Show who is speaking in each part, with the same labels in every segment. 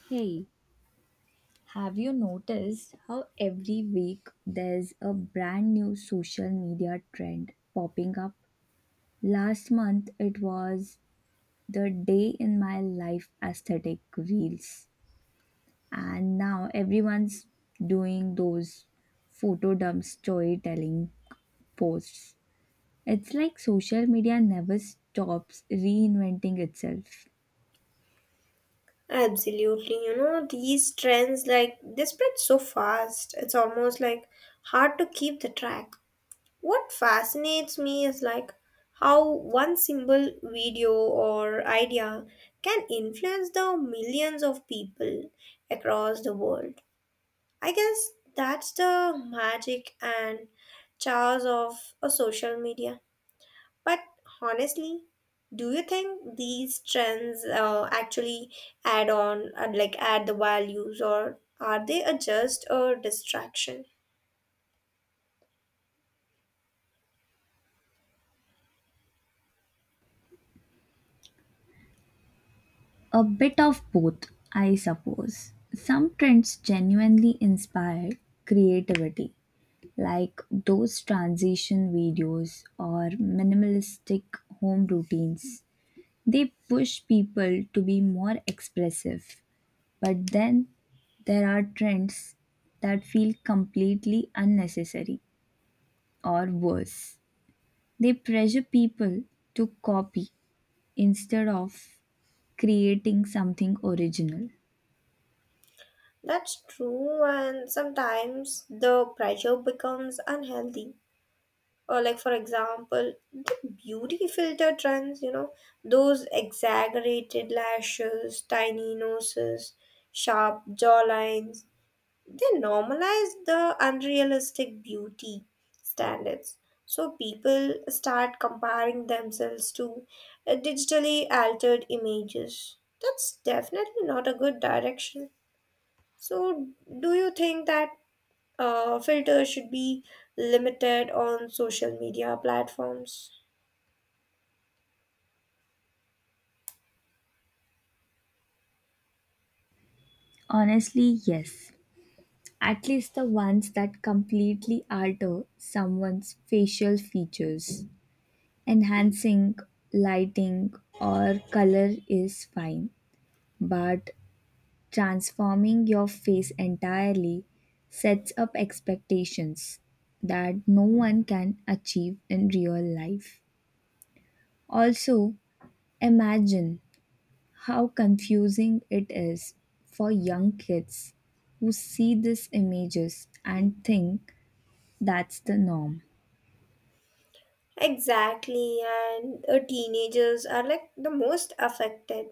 Speaker 1: Hey, have you noticed how every week there's a brand new social media trend popping up? Last month it was the day in my life aesthetic reels, and now everyone's doing those photo dump storytelling posts. It's like social media never stops reinventing itself.
Speaker 2: Absolutely, you know, these trends like they spread so fast. It's almost like hard to keep the track. What fascinates me is like how one single video or idea can influence the millions of people across the world. I guess that's the magic and charge of a social media. But honestly, do you think these trends actually add on, like add the values, or are they a just a distraction?
Speaker 1: A bit of both, I suppose. Some trends genuinely inspire creativity, like those transition videos or minimalistic home routines. They push people to be more expressive. But then there are trends that feel completely unnecessary or worse. They pressure people to copy instead of creating something original.
Speaker 2: That's true, and sometimes the pressure becomes unhealthy. Or like for example, the beauty filter trends, you know, those exaggerated lashes, tiny noses, sharp jawlines. They normalize the unrealistic beauty standards. So people start comparing themselves to digitally altered images. That's definitely not a good direction. So, do you think that filters should be limited on social media platforms?
Speaker 1: Honestly, yes. At least the ones that completely alter someone's facial features. Enhancing lighting or color is fine, but transforming your face entirely sets up expectations that no one can achieve in real life. Also, imagine how confusing it is for young kids who see these images and think that's the norm.
Speaker 2: Exactly, and teenagers are like the most affected.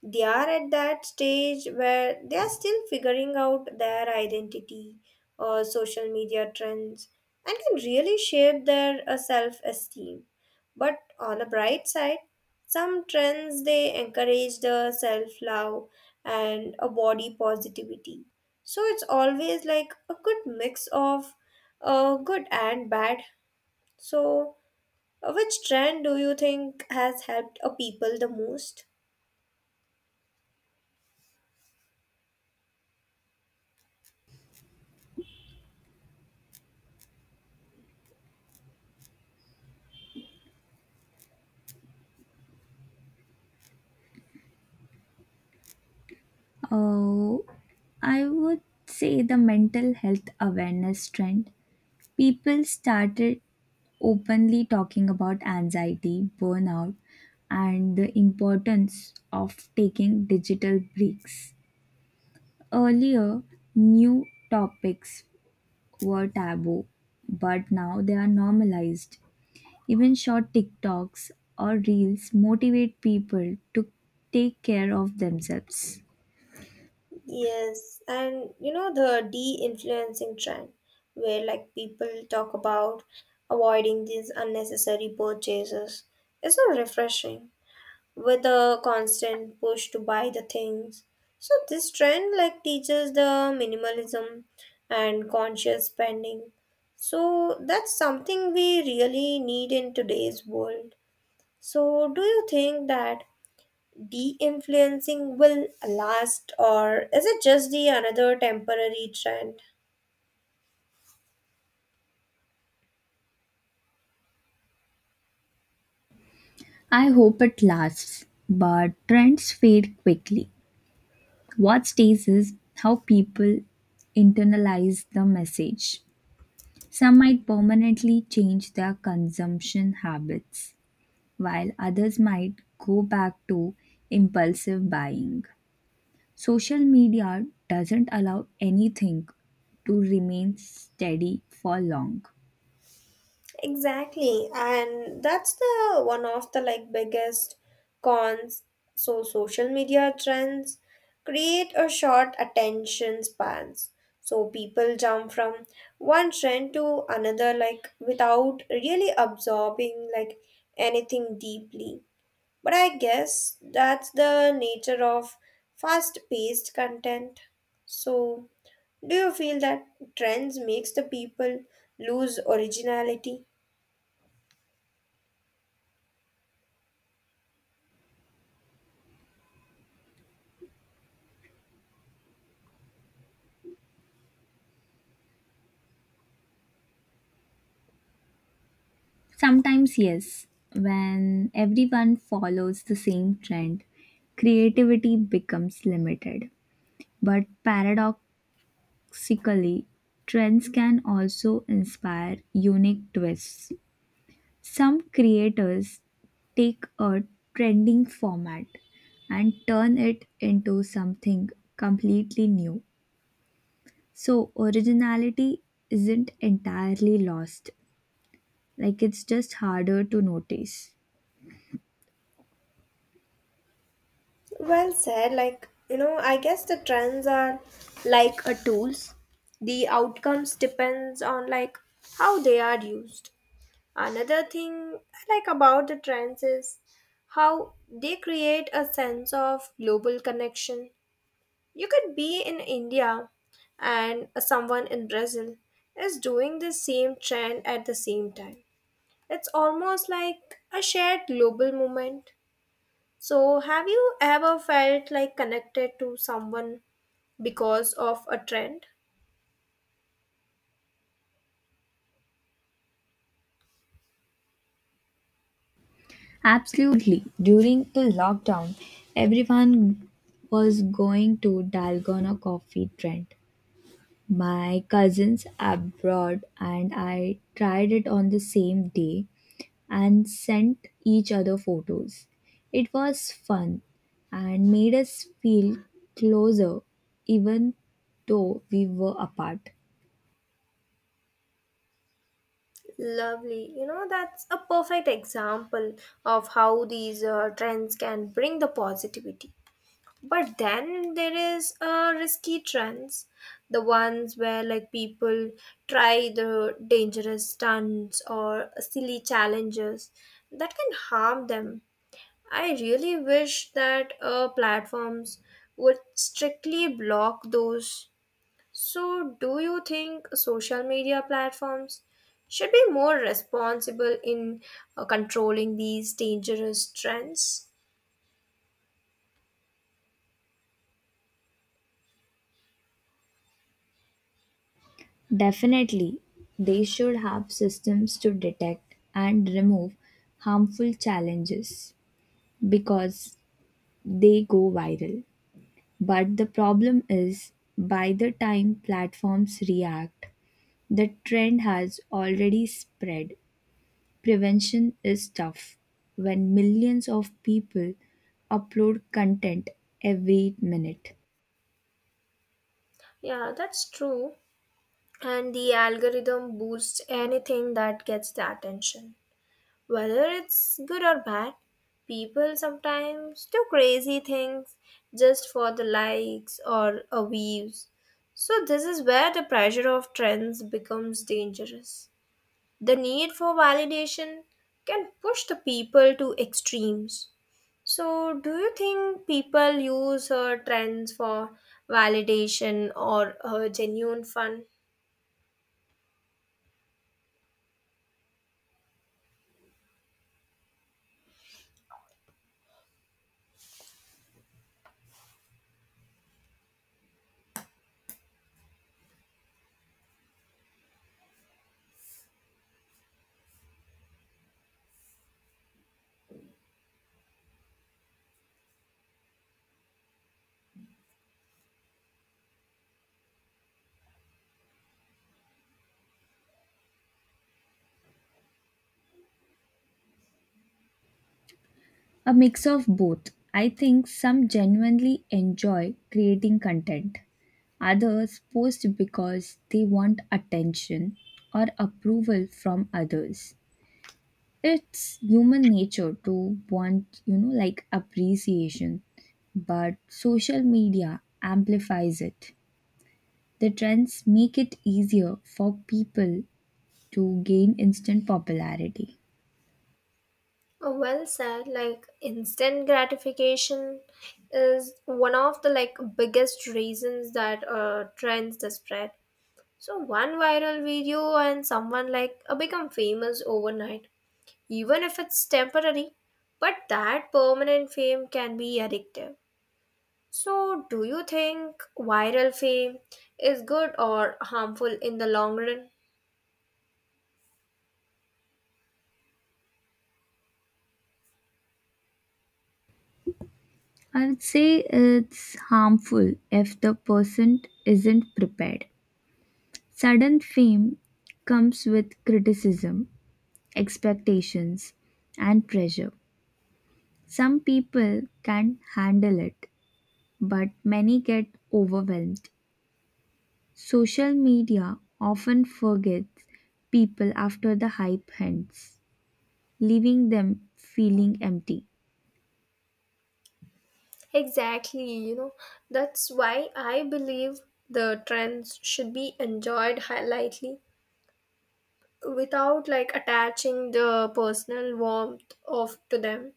Speaker 2: They are at that stage where they are still figuring out their identity or social media trends, and can really shape their self-esteem. But on the bright side, some trends they encourage the self-love and a body positivity, so it's always like a good mix of good and bad. So which trend do you think has helped a people the most?
Speaker 1: Oh, I would say the mental health awareness trend. People started openly talking about anxiety, burnout, and the importance of taking digital breaks. Earlier, new topics were taboo, but now they are normalized. Even short TikToks or reels motivate people to take care of themselves.
Speaker 2: Yes, and you know the de-influencing trend where like people talk about avoiding these unnecessary purchases is so refreshing with a constant push to buy the things. So this trend like teaches the minimalism and conscious spending. So that's something we really need in today's world. So do you think that de-influencing will last, or is it just the another temporary trend?
Speaker 1: I hope it lasts, but trends fade quickly. What stays is how people internalize the message. Some might permanently change their consumption habits, while others might go back to impulsive buying. Social media doesn't allow anything to remain steady for long.
Speaker 2: Exactly, and that's the one of the like biggest cons. So social media trends create a short attention spans, so people jump from one trend to another like without really absorbing like anything deeply. But I guess that's the nature of fast paced content. So, do you feel that trends makes the people lose originality?
Speaker 1: Sometimes, yes, when everyone follows the same trend, creativity becomes limited. But paradoxically, trends can also inspire unique twists. Some creators take a trending format and turn it into something completely new. So, originality isn't entirely lost, it's just harder to notice.
Speaker 2: Well said, like, you know, I guess the trends are like a tools. The outcomes depends on like how they are used. Another thing I like about the trends is how they create a sense of global connection. You could be in India and someone in Brazil is doing the same trend at the same time. It's almost like a shared global movement. So, have you ever felt like connected to someone because of a trend?
Speaker 1: Absolutely. During the lockdown, everyone was going to Dalgona coffee trend. My cousins abroad and I tried it on the same day and sent each other photos. It was fun and made us feel closer even though we were apart.
Speaker 2: Lovely. You know, that's a perfect example of how these trends can bring the positivity. But then there is risky trends, the ones where like people try the dangerous stunts or silly challenges that can harm them. I really wish that platforms would strictly block those. So, do you think social media platforms should be more responsible in controlling these dangerous trends?
Speaker 1: Definitely, they should have systems to detect and remove harmful challenges, because they go viral. But the problem is, by the time platforms react, the trend has already spread. Prevention is tough when millions of people upload content every minute.
Speaker 2: Yeah, that's true. And the algorithm boosts anything that gets the attention, whether it's good or bad. People sometimes do crazy things just for the likes or a views. So this is where the pressure of trends becomes dangerous. The need for validation can push the people to extremes. So, do you think people use trends for validation or genuine fun?
Speaker 1: A mix of both. I think some genuinely enjoy creating content, others post because they want attention or approval from others. It's human nature to want, like appreciation, but social media amplifies it. The trends make it easier for people to gain instant popularity.
Speaker 2: Oh, well said. Like instant gratification is one of the like biggest reasons that trends the spread. So one viral video and someone like become famous overnight, even if it's temporary. But that permanent fame can be addictive. So do you think viral fame is good or harmful in the long run?
Speaker 1: I would say it's harmful if the person isn't prepared. Sudden fame comes with criticism, expectations, and pressure. Some people can handle it, but many get overwhelmed. Social media often forgets people after the hype ends, leaving them feeling empty.
Speaker 2: Exactly, you know, that's why I believe the trends should be enjoyed lightly without like attaching the personal warmth of to them.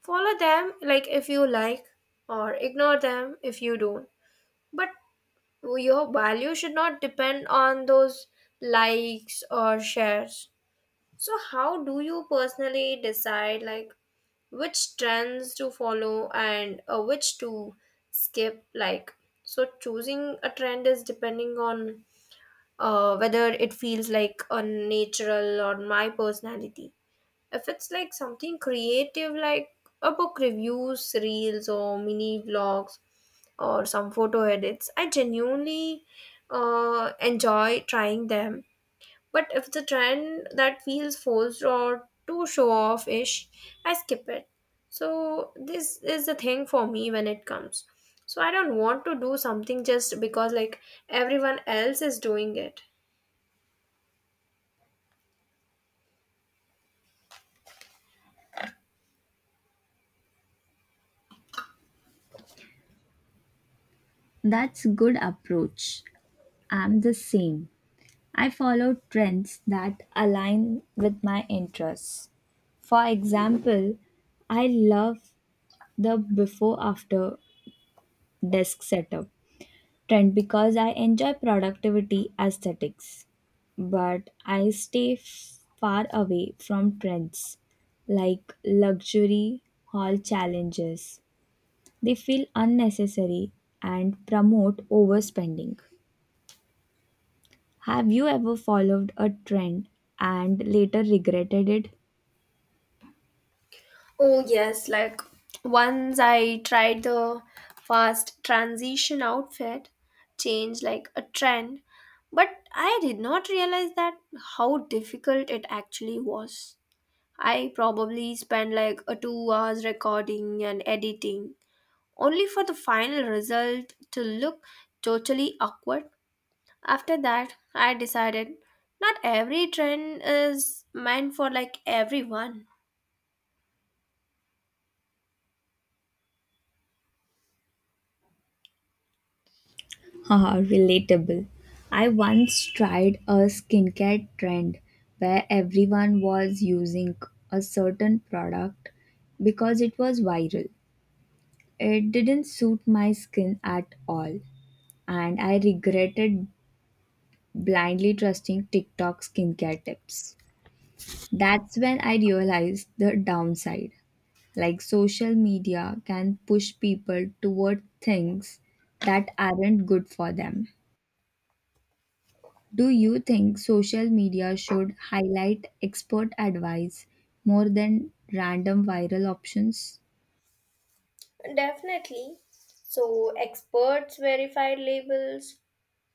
Speaker 2: Follow them like if you like, or ignore them if you don't. But your value should not depend on those likes or shares. So how do you personally decide like which trends to follow and which to skip like? So choosing a trend is depending on whether it feels like a natural or my personality. If it's like something creative like a book reviews reels or mini vlogs or some photo edits, I genuinely enjoy trying them. But if the trend that feels forced or too show off ish, I skip it. So this is the thing for me when it comes. So I don't want to do something just because like everyone else is doing it.
Speaker 1: That's good approach. I'm the same. I follow trends that align with my interests. For example, I love the before after desk setup trend because I enjoy productivity aesthetics, but I stay far away from trends like luxury haul challenges. They feel unnecessary and promote overspending. Have you ever followed a trend and later regretted it?
Speaker 2: Oh yes, like once I tried the fast transition outfit, change like a trend, but I did not realize that how difficult it actually was. I probably spend like a 2 hours recording and editing, only for the final result to look totally awkward. After that, I decided not every trend is meant for like everyone.
Speaker 1: Haha, relatable. I once tried a skincare trend where everyone was using a certain product because it was viral. It didn't suit my skin at all, and I regretted blindly trusting TikTok skincare tips. That's when I realized the downside. Like social media can push people toward things that aren't good for them. Do you think social media should highlight expert advice more than random viral options?
Speaker 2: Definitely. So, experts verified labels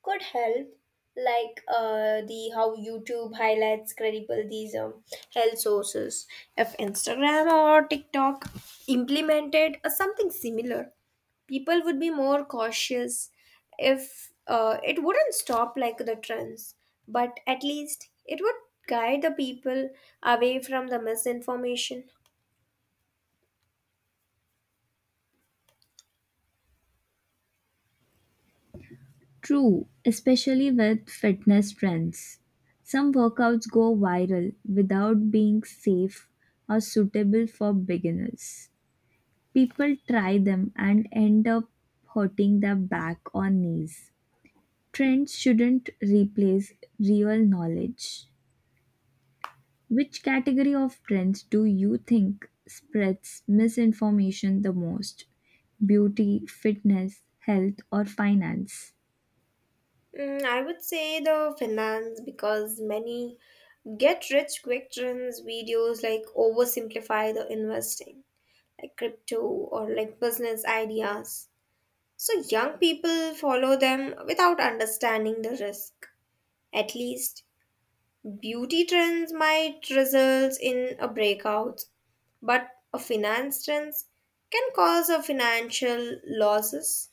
Speaker 2: could help, like the how YouTube highlights credible these health sources. If Instagram or TikTok implemented something similar, people would be more cautious. If it wouldn't stop like the trends, but at least it would guide the people away from the misinformation.
Speaker 1: True, especially with fitness trends. Some workouts go viral without being safe or suitable for beginners. People try them and end up hurting their back or knees. Trends shouldn't replace real knowledge. Which category of trends do you think spreads misinformation the most? Beauty, fitness, health, or finance?
Speaker 2: Mm, I would say the finance because many get rich quick trends videos like oversimplify the investing, like crypto or like business ideas. So young people follow them without understanding the risk. At least beauty trends might result in a breakout, but a finance trends can cause a financial losses.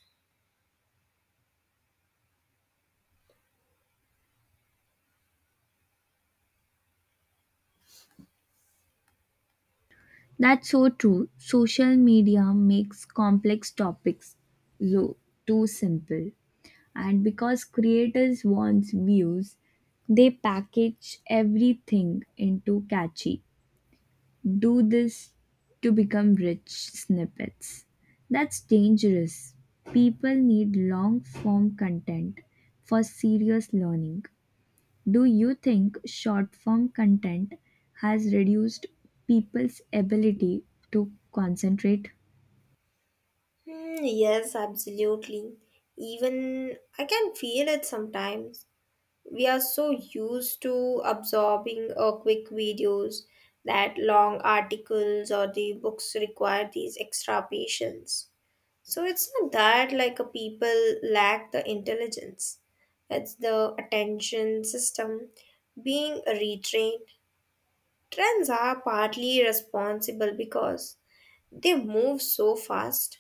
Speaker 1: That's so true. Social media makes complex topics low, too simple. And because creators want views, they package everything into catchy "Do this to become rich" snippets. That's dangerous. People need long form content for serious learning. Do you think short form content has reduced people's ability to concentrate?
Speaker 2: Hmm, yes, absolutely. Even I can feel it sometimes. We are so used to absorbing quick videos that long articles or the books require these extra patience. So it's not that like a people lack the intelligence. It's the attention system being retrained. Trends are partly responsible because they move so fast.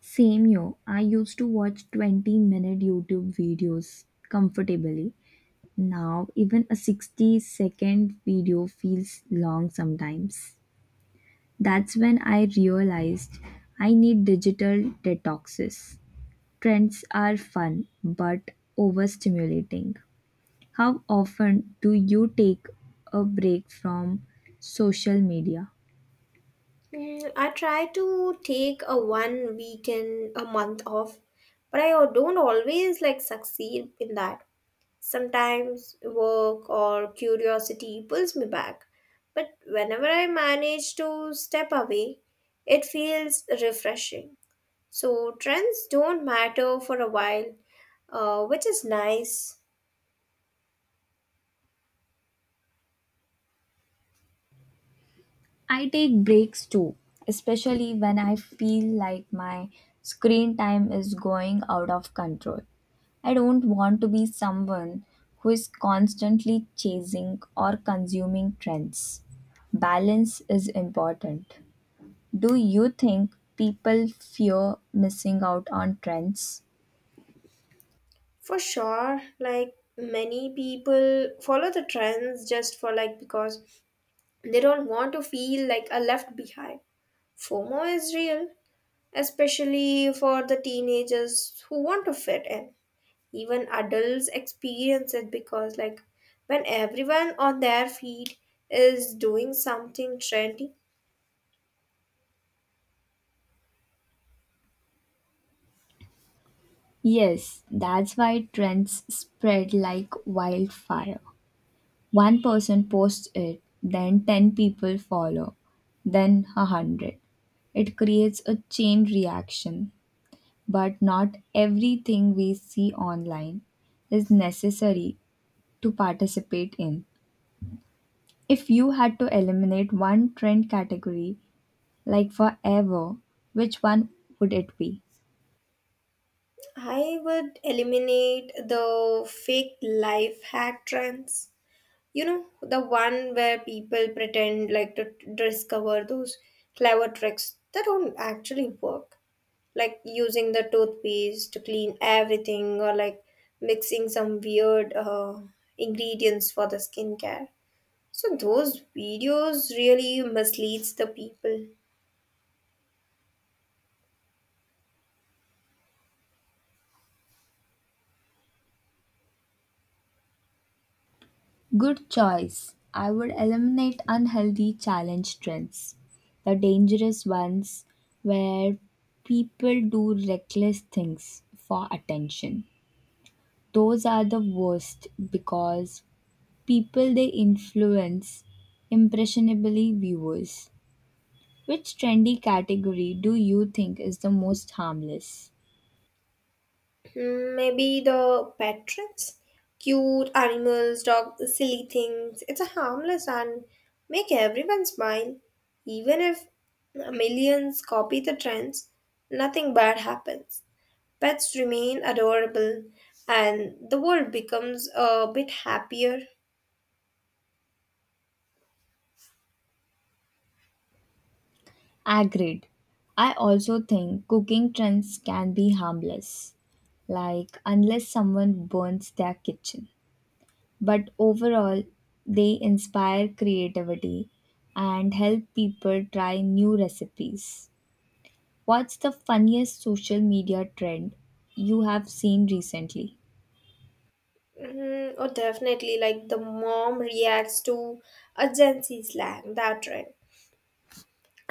Speaker 1: Same yo, I used to watch 20-minute YouTube videos comfortably. Now, even a 60-second video feels long sometimes. That's when I realized I need digital detoxes. Trends are fun but overstimulating. How often do you take a break from social media?
Speaker 2: Mm, I try to take a one weekend a month off, but I don't always like succeed in that. Sometimes work or curiosity pulls me back, but whenever I manage to step away, it feels refreshing. So trends don't matter for a while, which is nice.
Speaker 1: I take breaks too, especially when I feel like my screen time is going out of control. I don't want to be someone who is constantly chasing or consuming trends. Balance is important. Do you think people fear missing out on trends?
Speaker 2: For sure. Like many people follow the trends just for like because they don't want to feel like a left behind. FOMO is real, especially for the teenagers who want to fit in. Even adults experience it because like when everyone on their feed is doing something trendy,
Speaker 1: Yes, that's why trends spread like wildfire. One person posts it, then 10 people follow, then a 100. It creates a chain reaction, but not everything we see online is necessary to participate in. If you had to eliminate one trend category like forever, which one would it be?
Speaker 2: I would eliminate the fake life hack trends. You know, the one where people pretend like to discover those clever tricks that don't actually work. Like using the toothpaste to clean everything or like mixing some weird ingredients for the skincare. So those videos really misleads the people.
Speaker 1: Good choice. I would eliminate unhealthy challenge trends, the dangerous ones where people do reckless things for attention. Those are the worst because people they influence impressionably viewers. Which trendy category do you think is the most harmless?
Speaker 2: Hmm, maybe the patrons cute animals dog silly things. It's a harmless and make everyone smile even if millions copy the trends nothing bad happens. Pets remain adorable, and the world becomes a bit happier.
Speaker 1: Agreed. I also think cooking trends can be harmless, like unless someone burns their kitchen, but overall, they inspire creativity and help people try new recipes. What's the funniest social media trend you have seen recently?
Speaker 2: Mm, oh, definitely, like the mom reacts to a Gen Z slang, that right.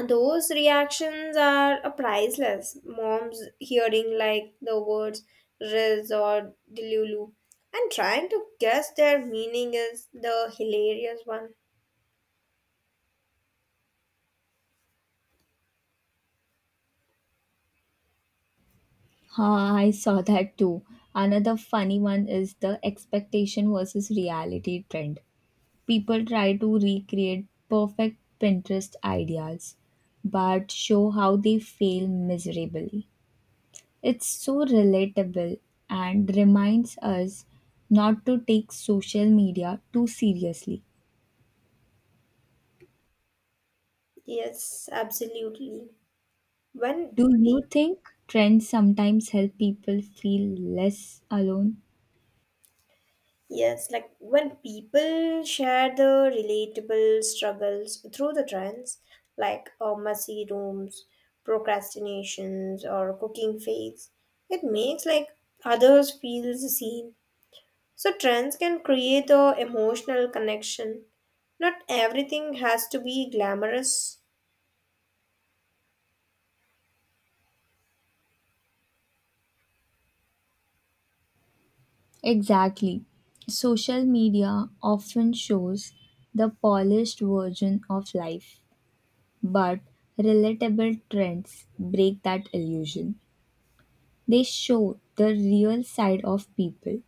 Speaker 2: Those reactions are priceless. Moms hearing like the words Riz or Delulu and trying to guess their meaning is the hilarious one.
Speaker 1: Ah, I saw that too. Another funny one is the expectation versus reality trend. People try to recreate perfect Pinterest ideas but show how they fail miserably. It's so relatable and reminds us not to take social media too seriously.
Speaker 2: Yes, absolutely. When
Speaker 1: Do you think trends sometimes help people feel less alone?
Speaker 2: yes, like when people share the relatable struggles through the trends, like messy rooms, procrastinations, or cooking fails, it makes like others feel seen. So trends can create a emotional connection. Not everything has to be glamorous.
Speaker 1: Exactly. Social media often shows the polished version of life, but relatable trends break that illusion. They show the real side of people.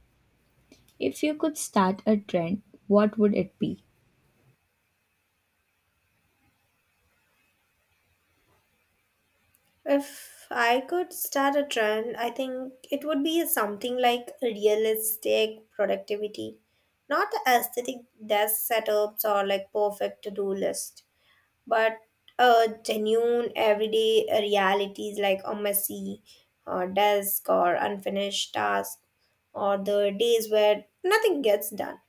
Speaker 1: If you could start a trend, what would it be?
Speaker 2: If I could start a trend, I think it would be something like realistic productivity, not the aesthetic desk setups or like perfect to do list, but genuine everyday realities like a messy desk or unfinished task or the days where nothing gets done.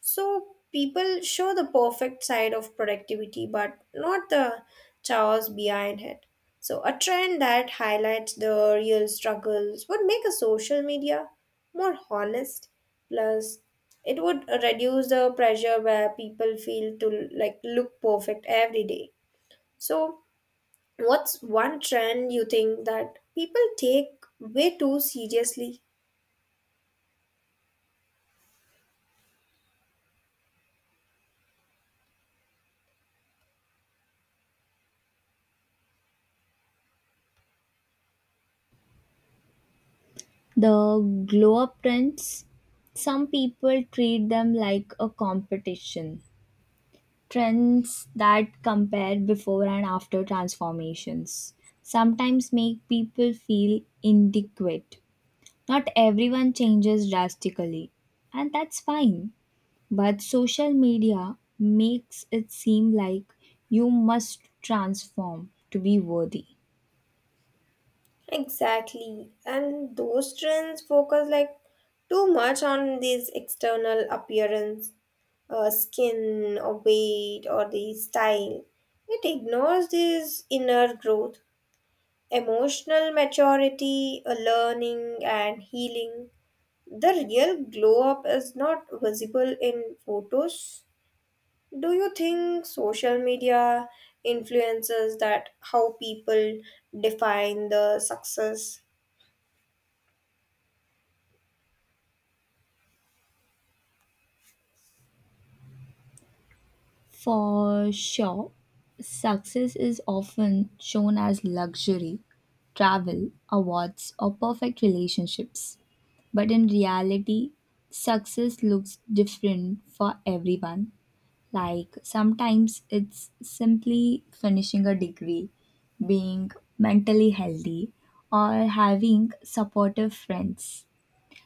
Speaker 2: So people show the perfect side of productivity but not the chaos behind it. So a trend that highlights the real struggles would make a social media more honest. Plus it would reduce the pressure where people feel to like look perfect every day. So, what's one trend you think that people take way too seriously?
Speaker 1: The glow up trends, some people treat them like a competition. Trends that compare before and after transformations sometimes make people feel inadequate. Not everyone changes drastically, and that's fine. But social media makes it seem like you must transform to be worthy.
Speaker 2: Exactly. And those trends focus like too much on this external appearance, skin or weight or the style. It ignores this inner growth, emotional maturity, learning and healing. The real glow up is not visible in photos. Do you think social media influences that how people define the success?
Speaker 1: For sure, success is often shown as luxury, travel, awards, or perfect relationships. But in reality, success looks different for everyone. Like sometimes it's simply finishing a degree, being mentally healthy, or having supportive friends.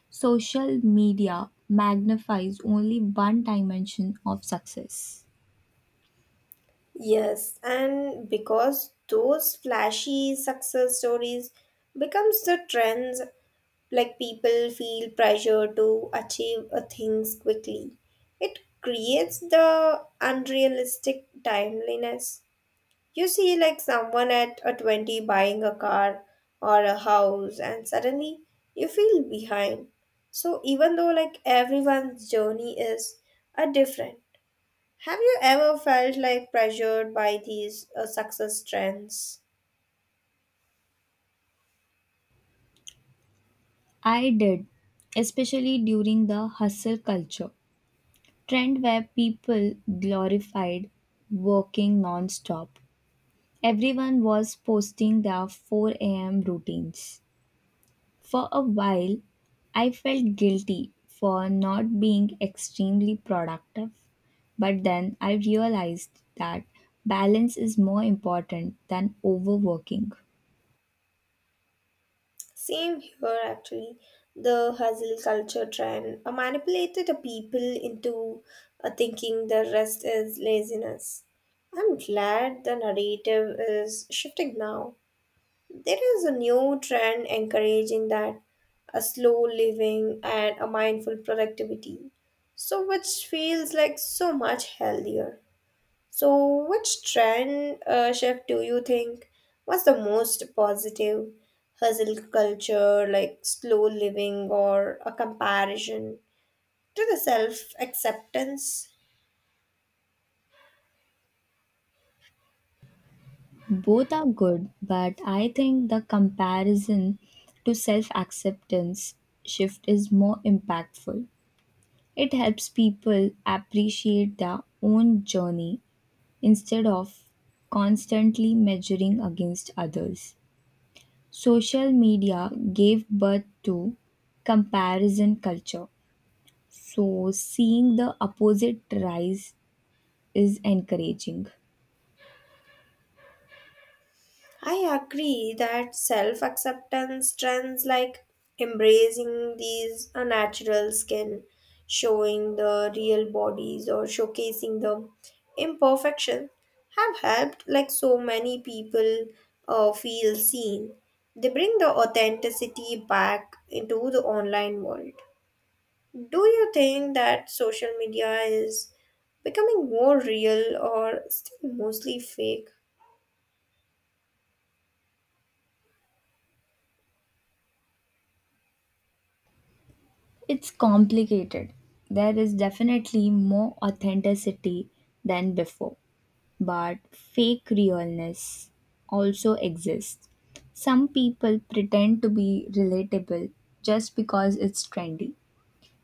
Speaker 1: Social media magnifies only one dimension of success.
Speaker 2: Yes, and because those flashy success stories becomes the trends, like people feel pressure to achieve a things quickly. It creates the unrealistic timeliness. You see, like someone at a 20 buying a car or a house, and suddenly you feel behind. So, even though like everyone's journey is a different, have you ever felt like pressured by these success trends?
Speaker 1: I did, especially during the hustle culture trend where people glorified working non-stop. Everyone was posting their 4 a.m. routines. For a while, I felt guilty for not being extremely productive, but then I realized that balance is more important than overworking.
Speaker 2: Same here, actually. The hustle culture trend manipulated the people into thinking the rest is laziness. I'm glad the narrative is shifting now. There is a new trend encouraging that a slow living and a mindful productivity. So which feels like so much healthier. So which trend shift do you think was the most positive? Hustle culture like slow living, or a comparison to the self acceptance?
Speaker 1: Both are good, but I think the comparison to self acceptance shift is more impactful. It helps people appreciate their own journey instead of constantly measuring against others. Social media gave birth to comparison culture, so seeing the opposite rise is encouraging.
Speaker 2: I agree that self acceptance trends like embracing these unnatural skin, showing the real bodies, or showcasing the imperfection have helped like so many people feel seen. They bring the authenticity back into the online world. Do you think that social media is becoming more real or still mostly fake?
Speaker 1: It's complicated. There is definitely more authenticity than before, but fake realness also exists. Some people pretend to be relatable just because it's trendy.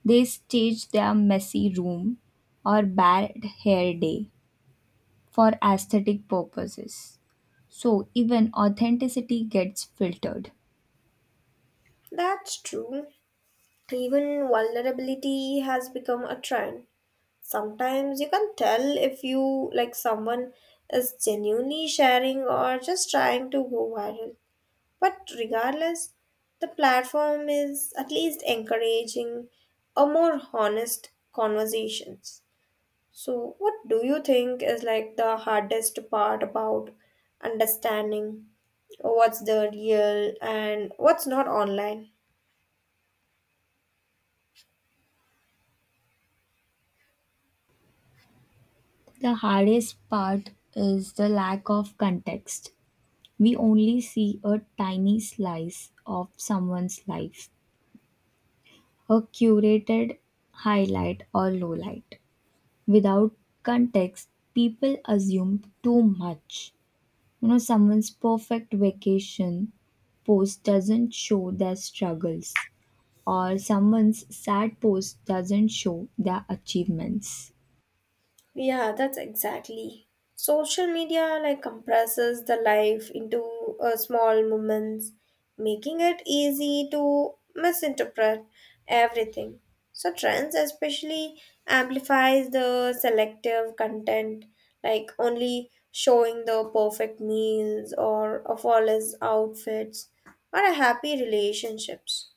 Speaker 1: They stage their messy room or bad hair day for aesthetic purposes. So even authenticity gets filtered.
Speaker 2: That's true. Even vulnerability has become a trend. Sometimes you can tell if you like someone is genuinely sharing or just trying to go viral. But regardless, the platform is at least encouraging a more honest conversations. So what do you think is like the hardest part about understanding what's the real and what's not online?
Speaker 1: The hardest part is the lack of context. We only see a tiny slice of someone's life, a curated highlight or lowlight. Without context, people assume too much. You know, someone's perfect vacation post doesn't show their struggles, or someone's sad post doesn't show their achievements.
Speaker 2: Yeah, that's exactly. Social media like compresses the life into small moments, making it easy to misinterpret everything. So trends especially amplifies the selective content, like only showing the perfect meals or a flawless outfits or a happy relationships.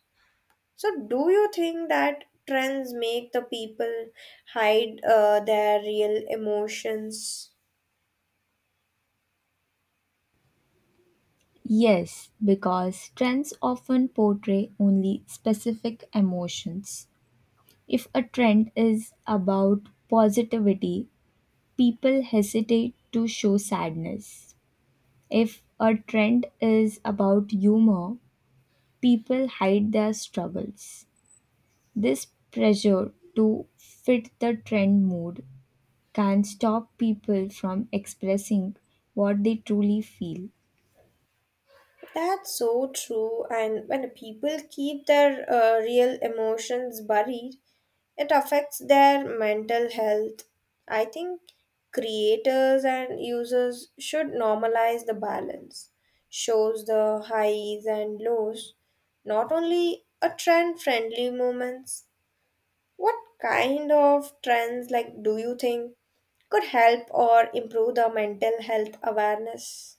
Speaker 2: So, do you think that trends make the people hide their real emotions?
Speaker 1: Yes, because trends often portray only specific emotions. If a trend is about positivity, people hesitate to show sadness. If a trend is about humor, people hide their struggles. This pressure to fit the trend mood can stop people from expressing what they truly feel.
Speaker 2: That's so true. And when people keep their real emotions buried, it affects their mental health. I think creators and users should normalize the balance, shows the highs and lows, not only a trend friendly moments. What kind of trends like do you think could help or improve the mental health awareness?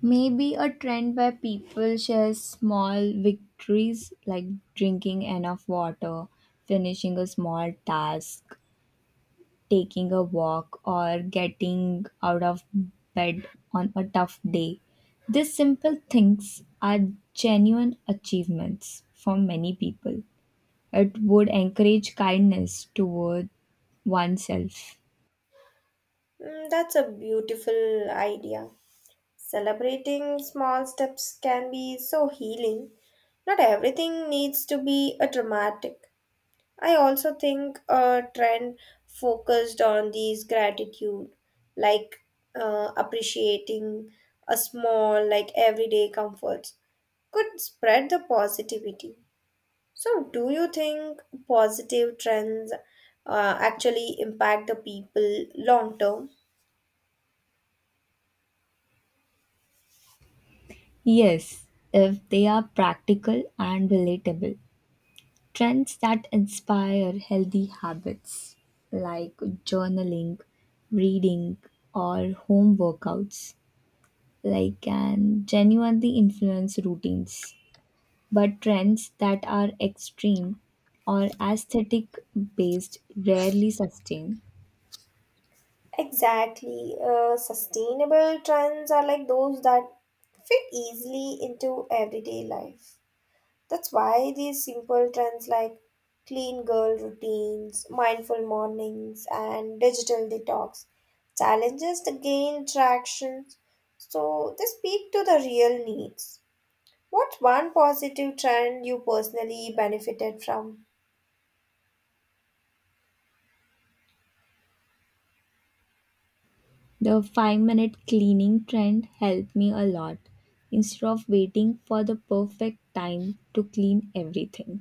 Speaker 1: Maybe a trend where people share small victories like drinking enough water, finishing a small task, taking a walk, or getting out of bed on a tough day. These simple things are genuine achievements for many people. It would encourage kindness toward oneself.
Speaker 2: Mm, that's a beautiful idea. Celebrating small steps can be so healing. Not everything needs to be a dramatic. I also think a trend focused on these gratitude, like appreciating a small, like everyday comforts, could spread the positivity. So, do you think positive trends actually impact the people long term?
Speaker 1: Yes, if they are practical and relatable. Trends that inspire healthy habits like journaling, reading, or home workouts like can genuinely influence routines. But trends that are extreme or aesthetic based rarely sustain.
Speaker 2: Exactly. Sustainable trends are like those that fit easily into everyday life. That's why these simple trends like clean girl routines, mindful mornings, and digital detox challenges to gain traction. So, they speak to the real needs. What one positive trend you personally benefited from?
Speaker 1: The 5-minute cleaning trend helped me a lot instead of waiting for the perfect time to clean everything.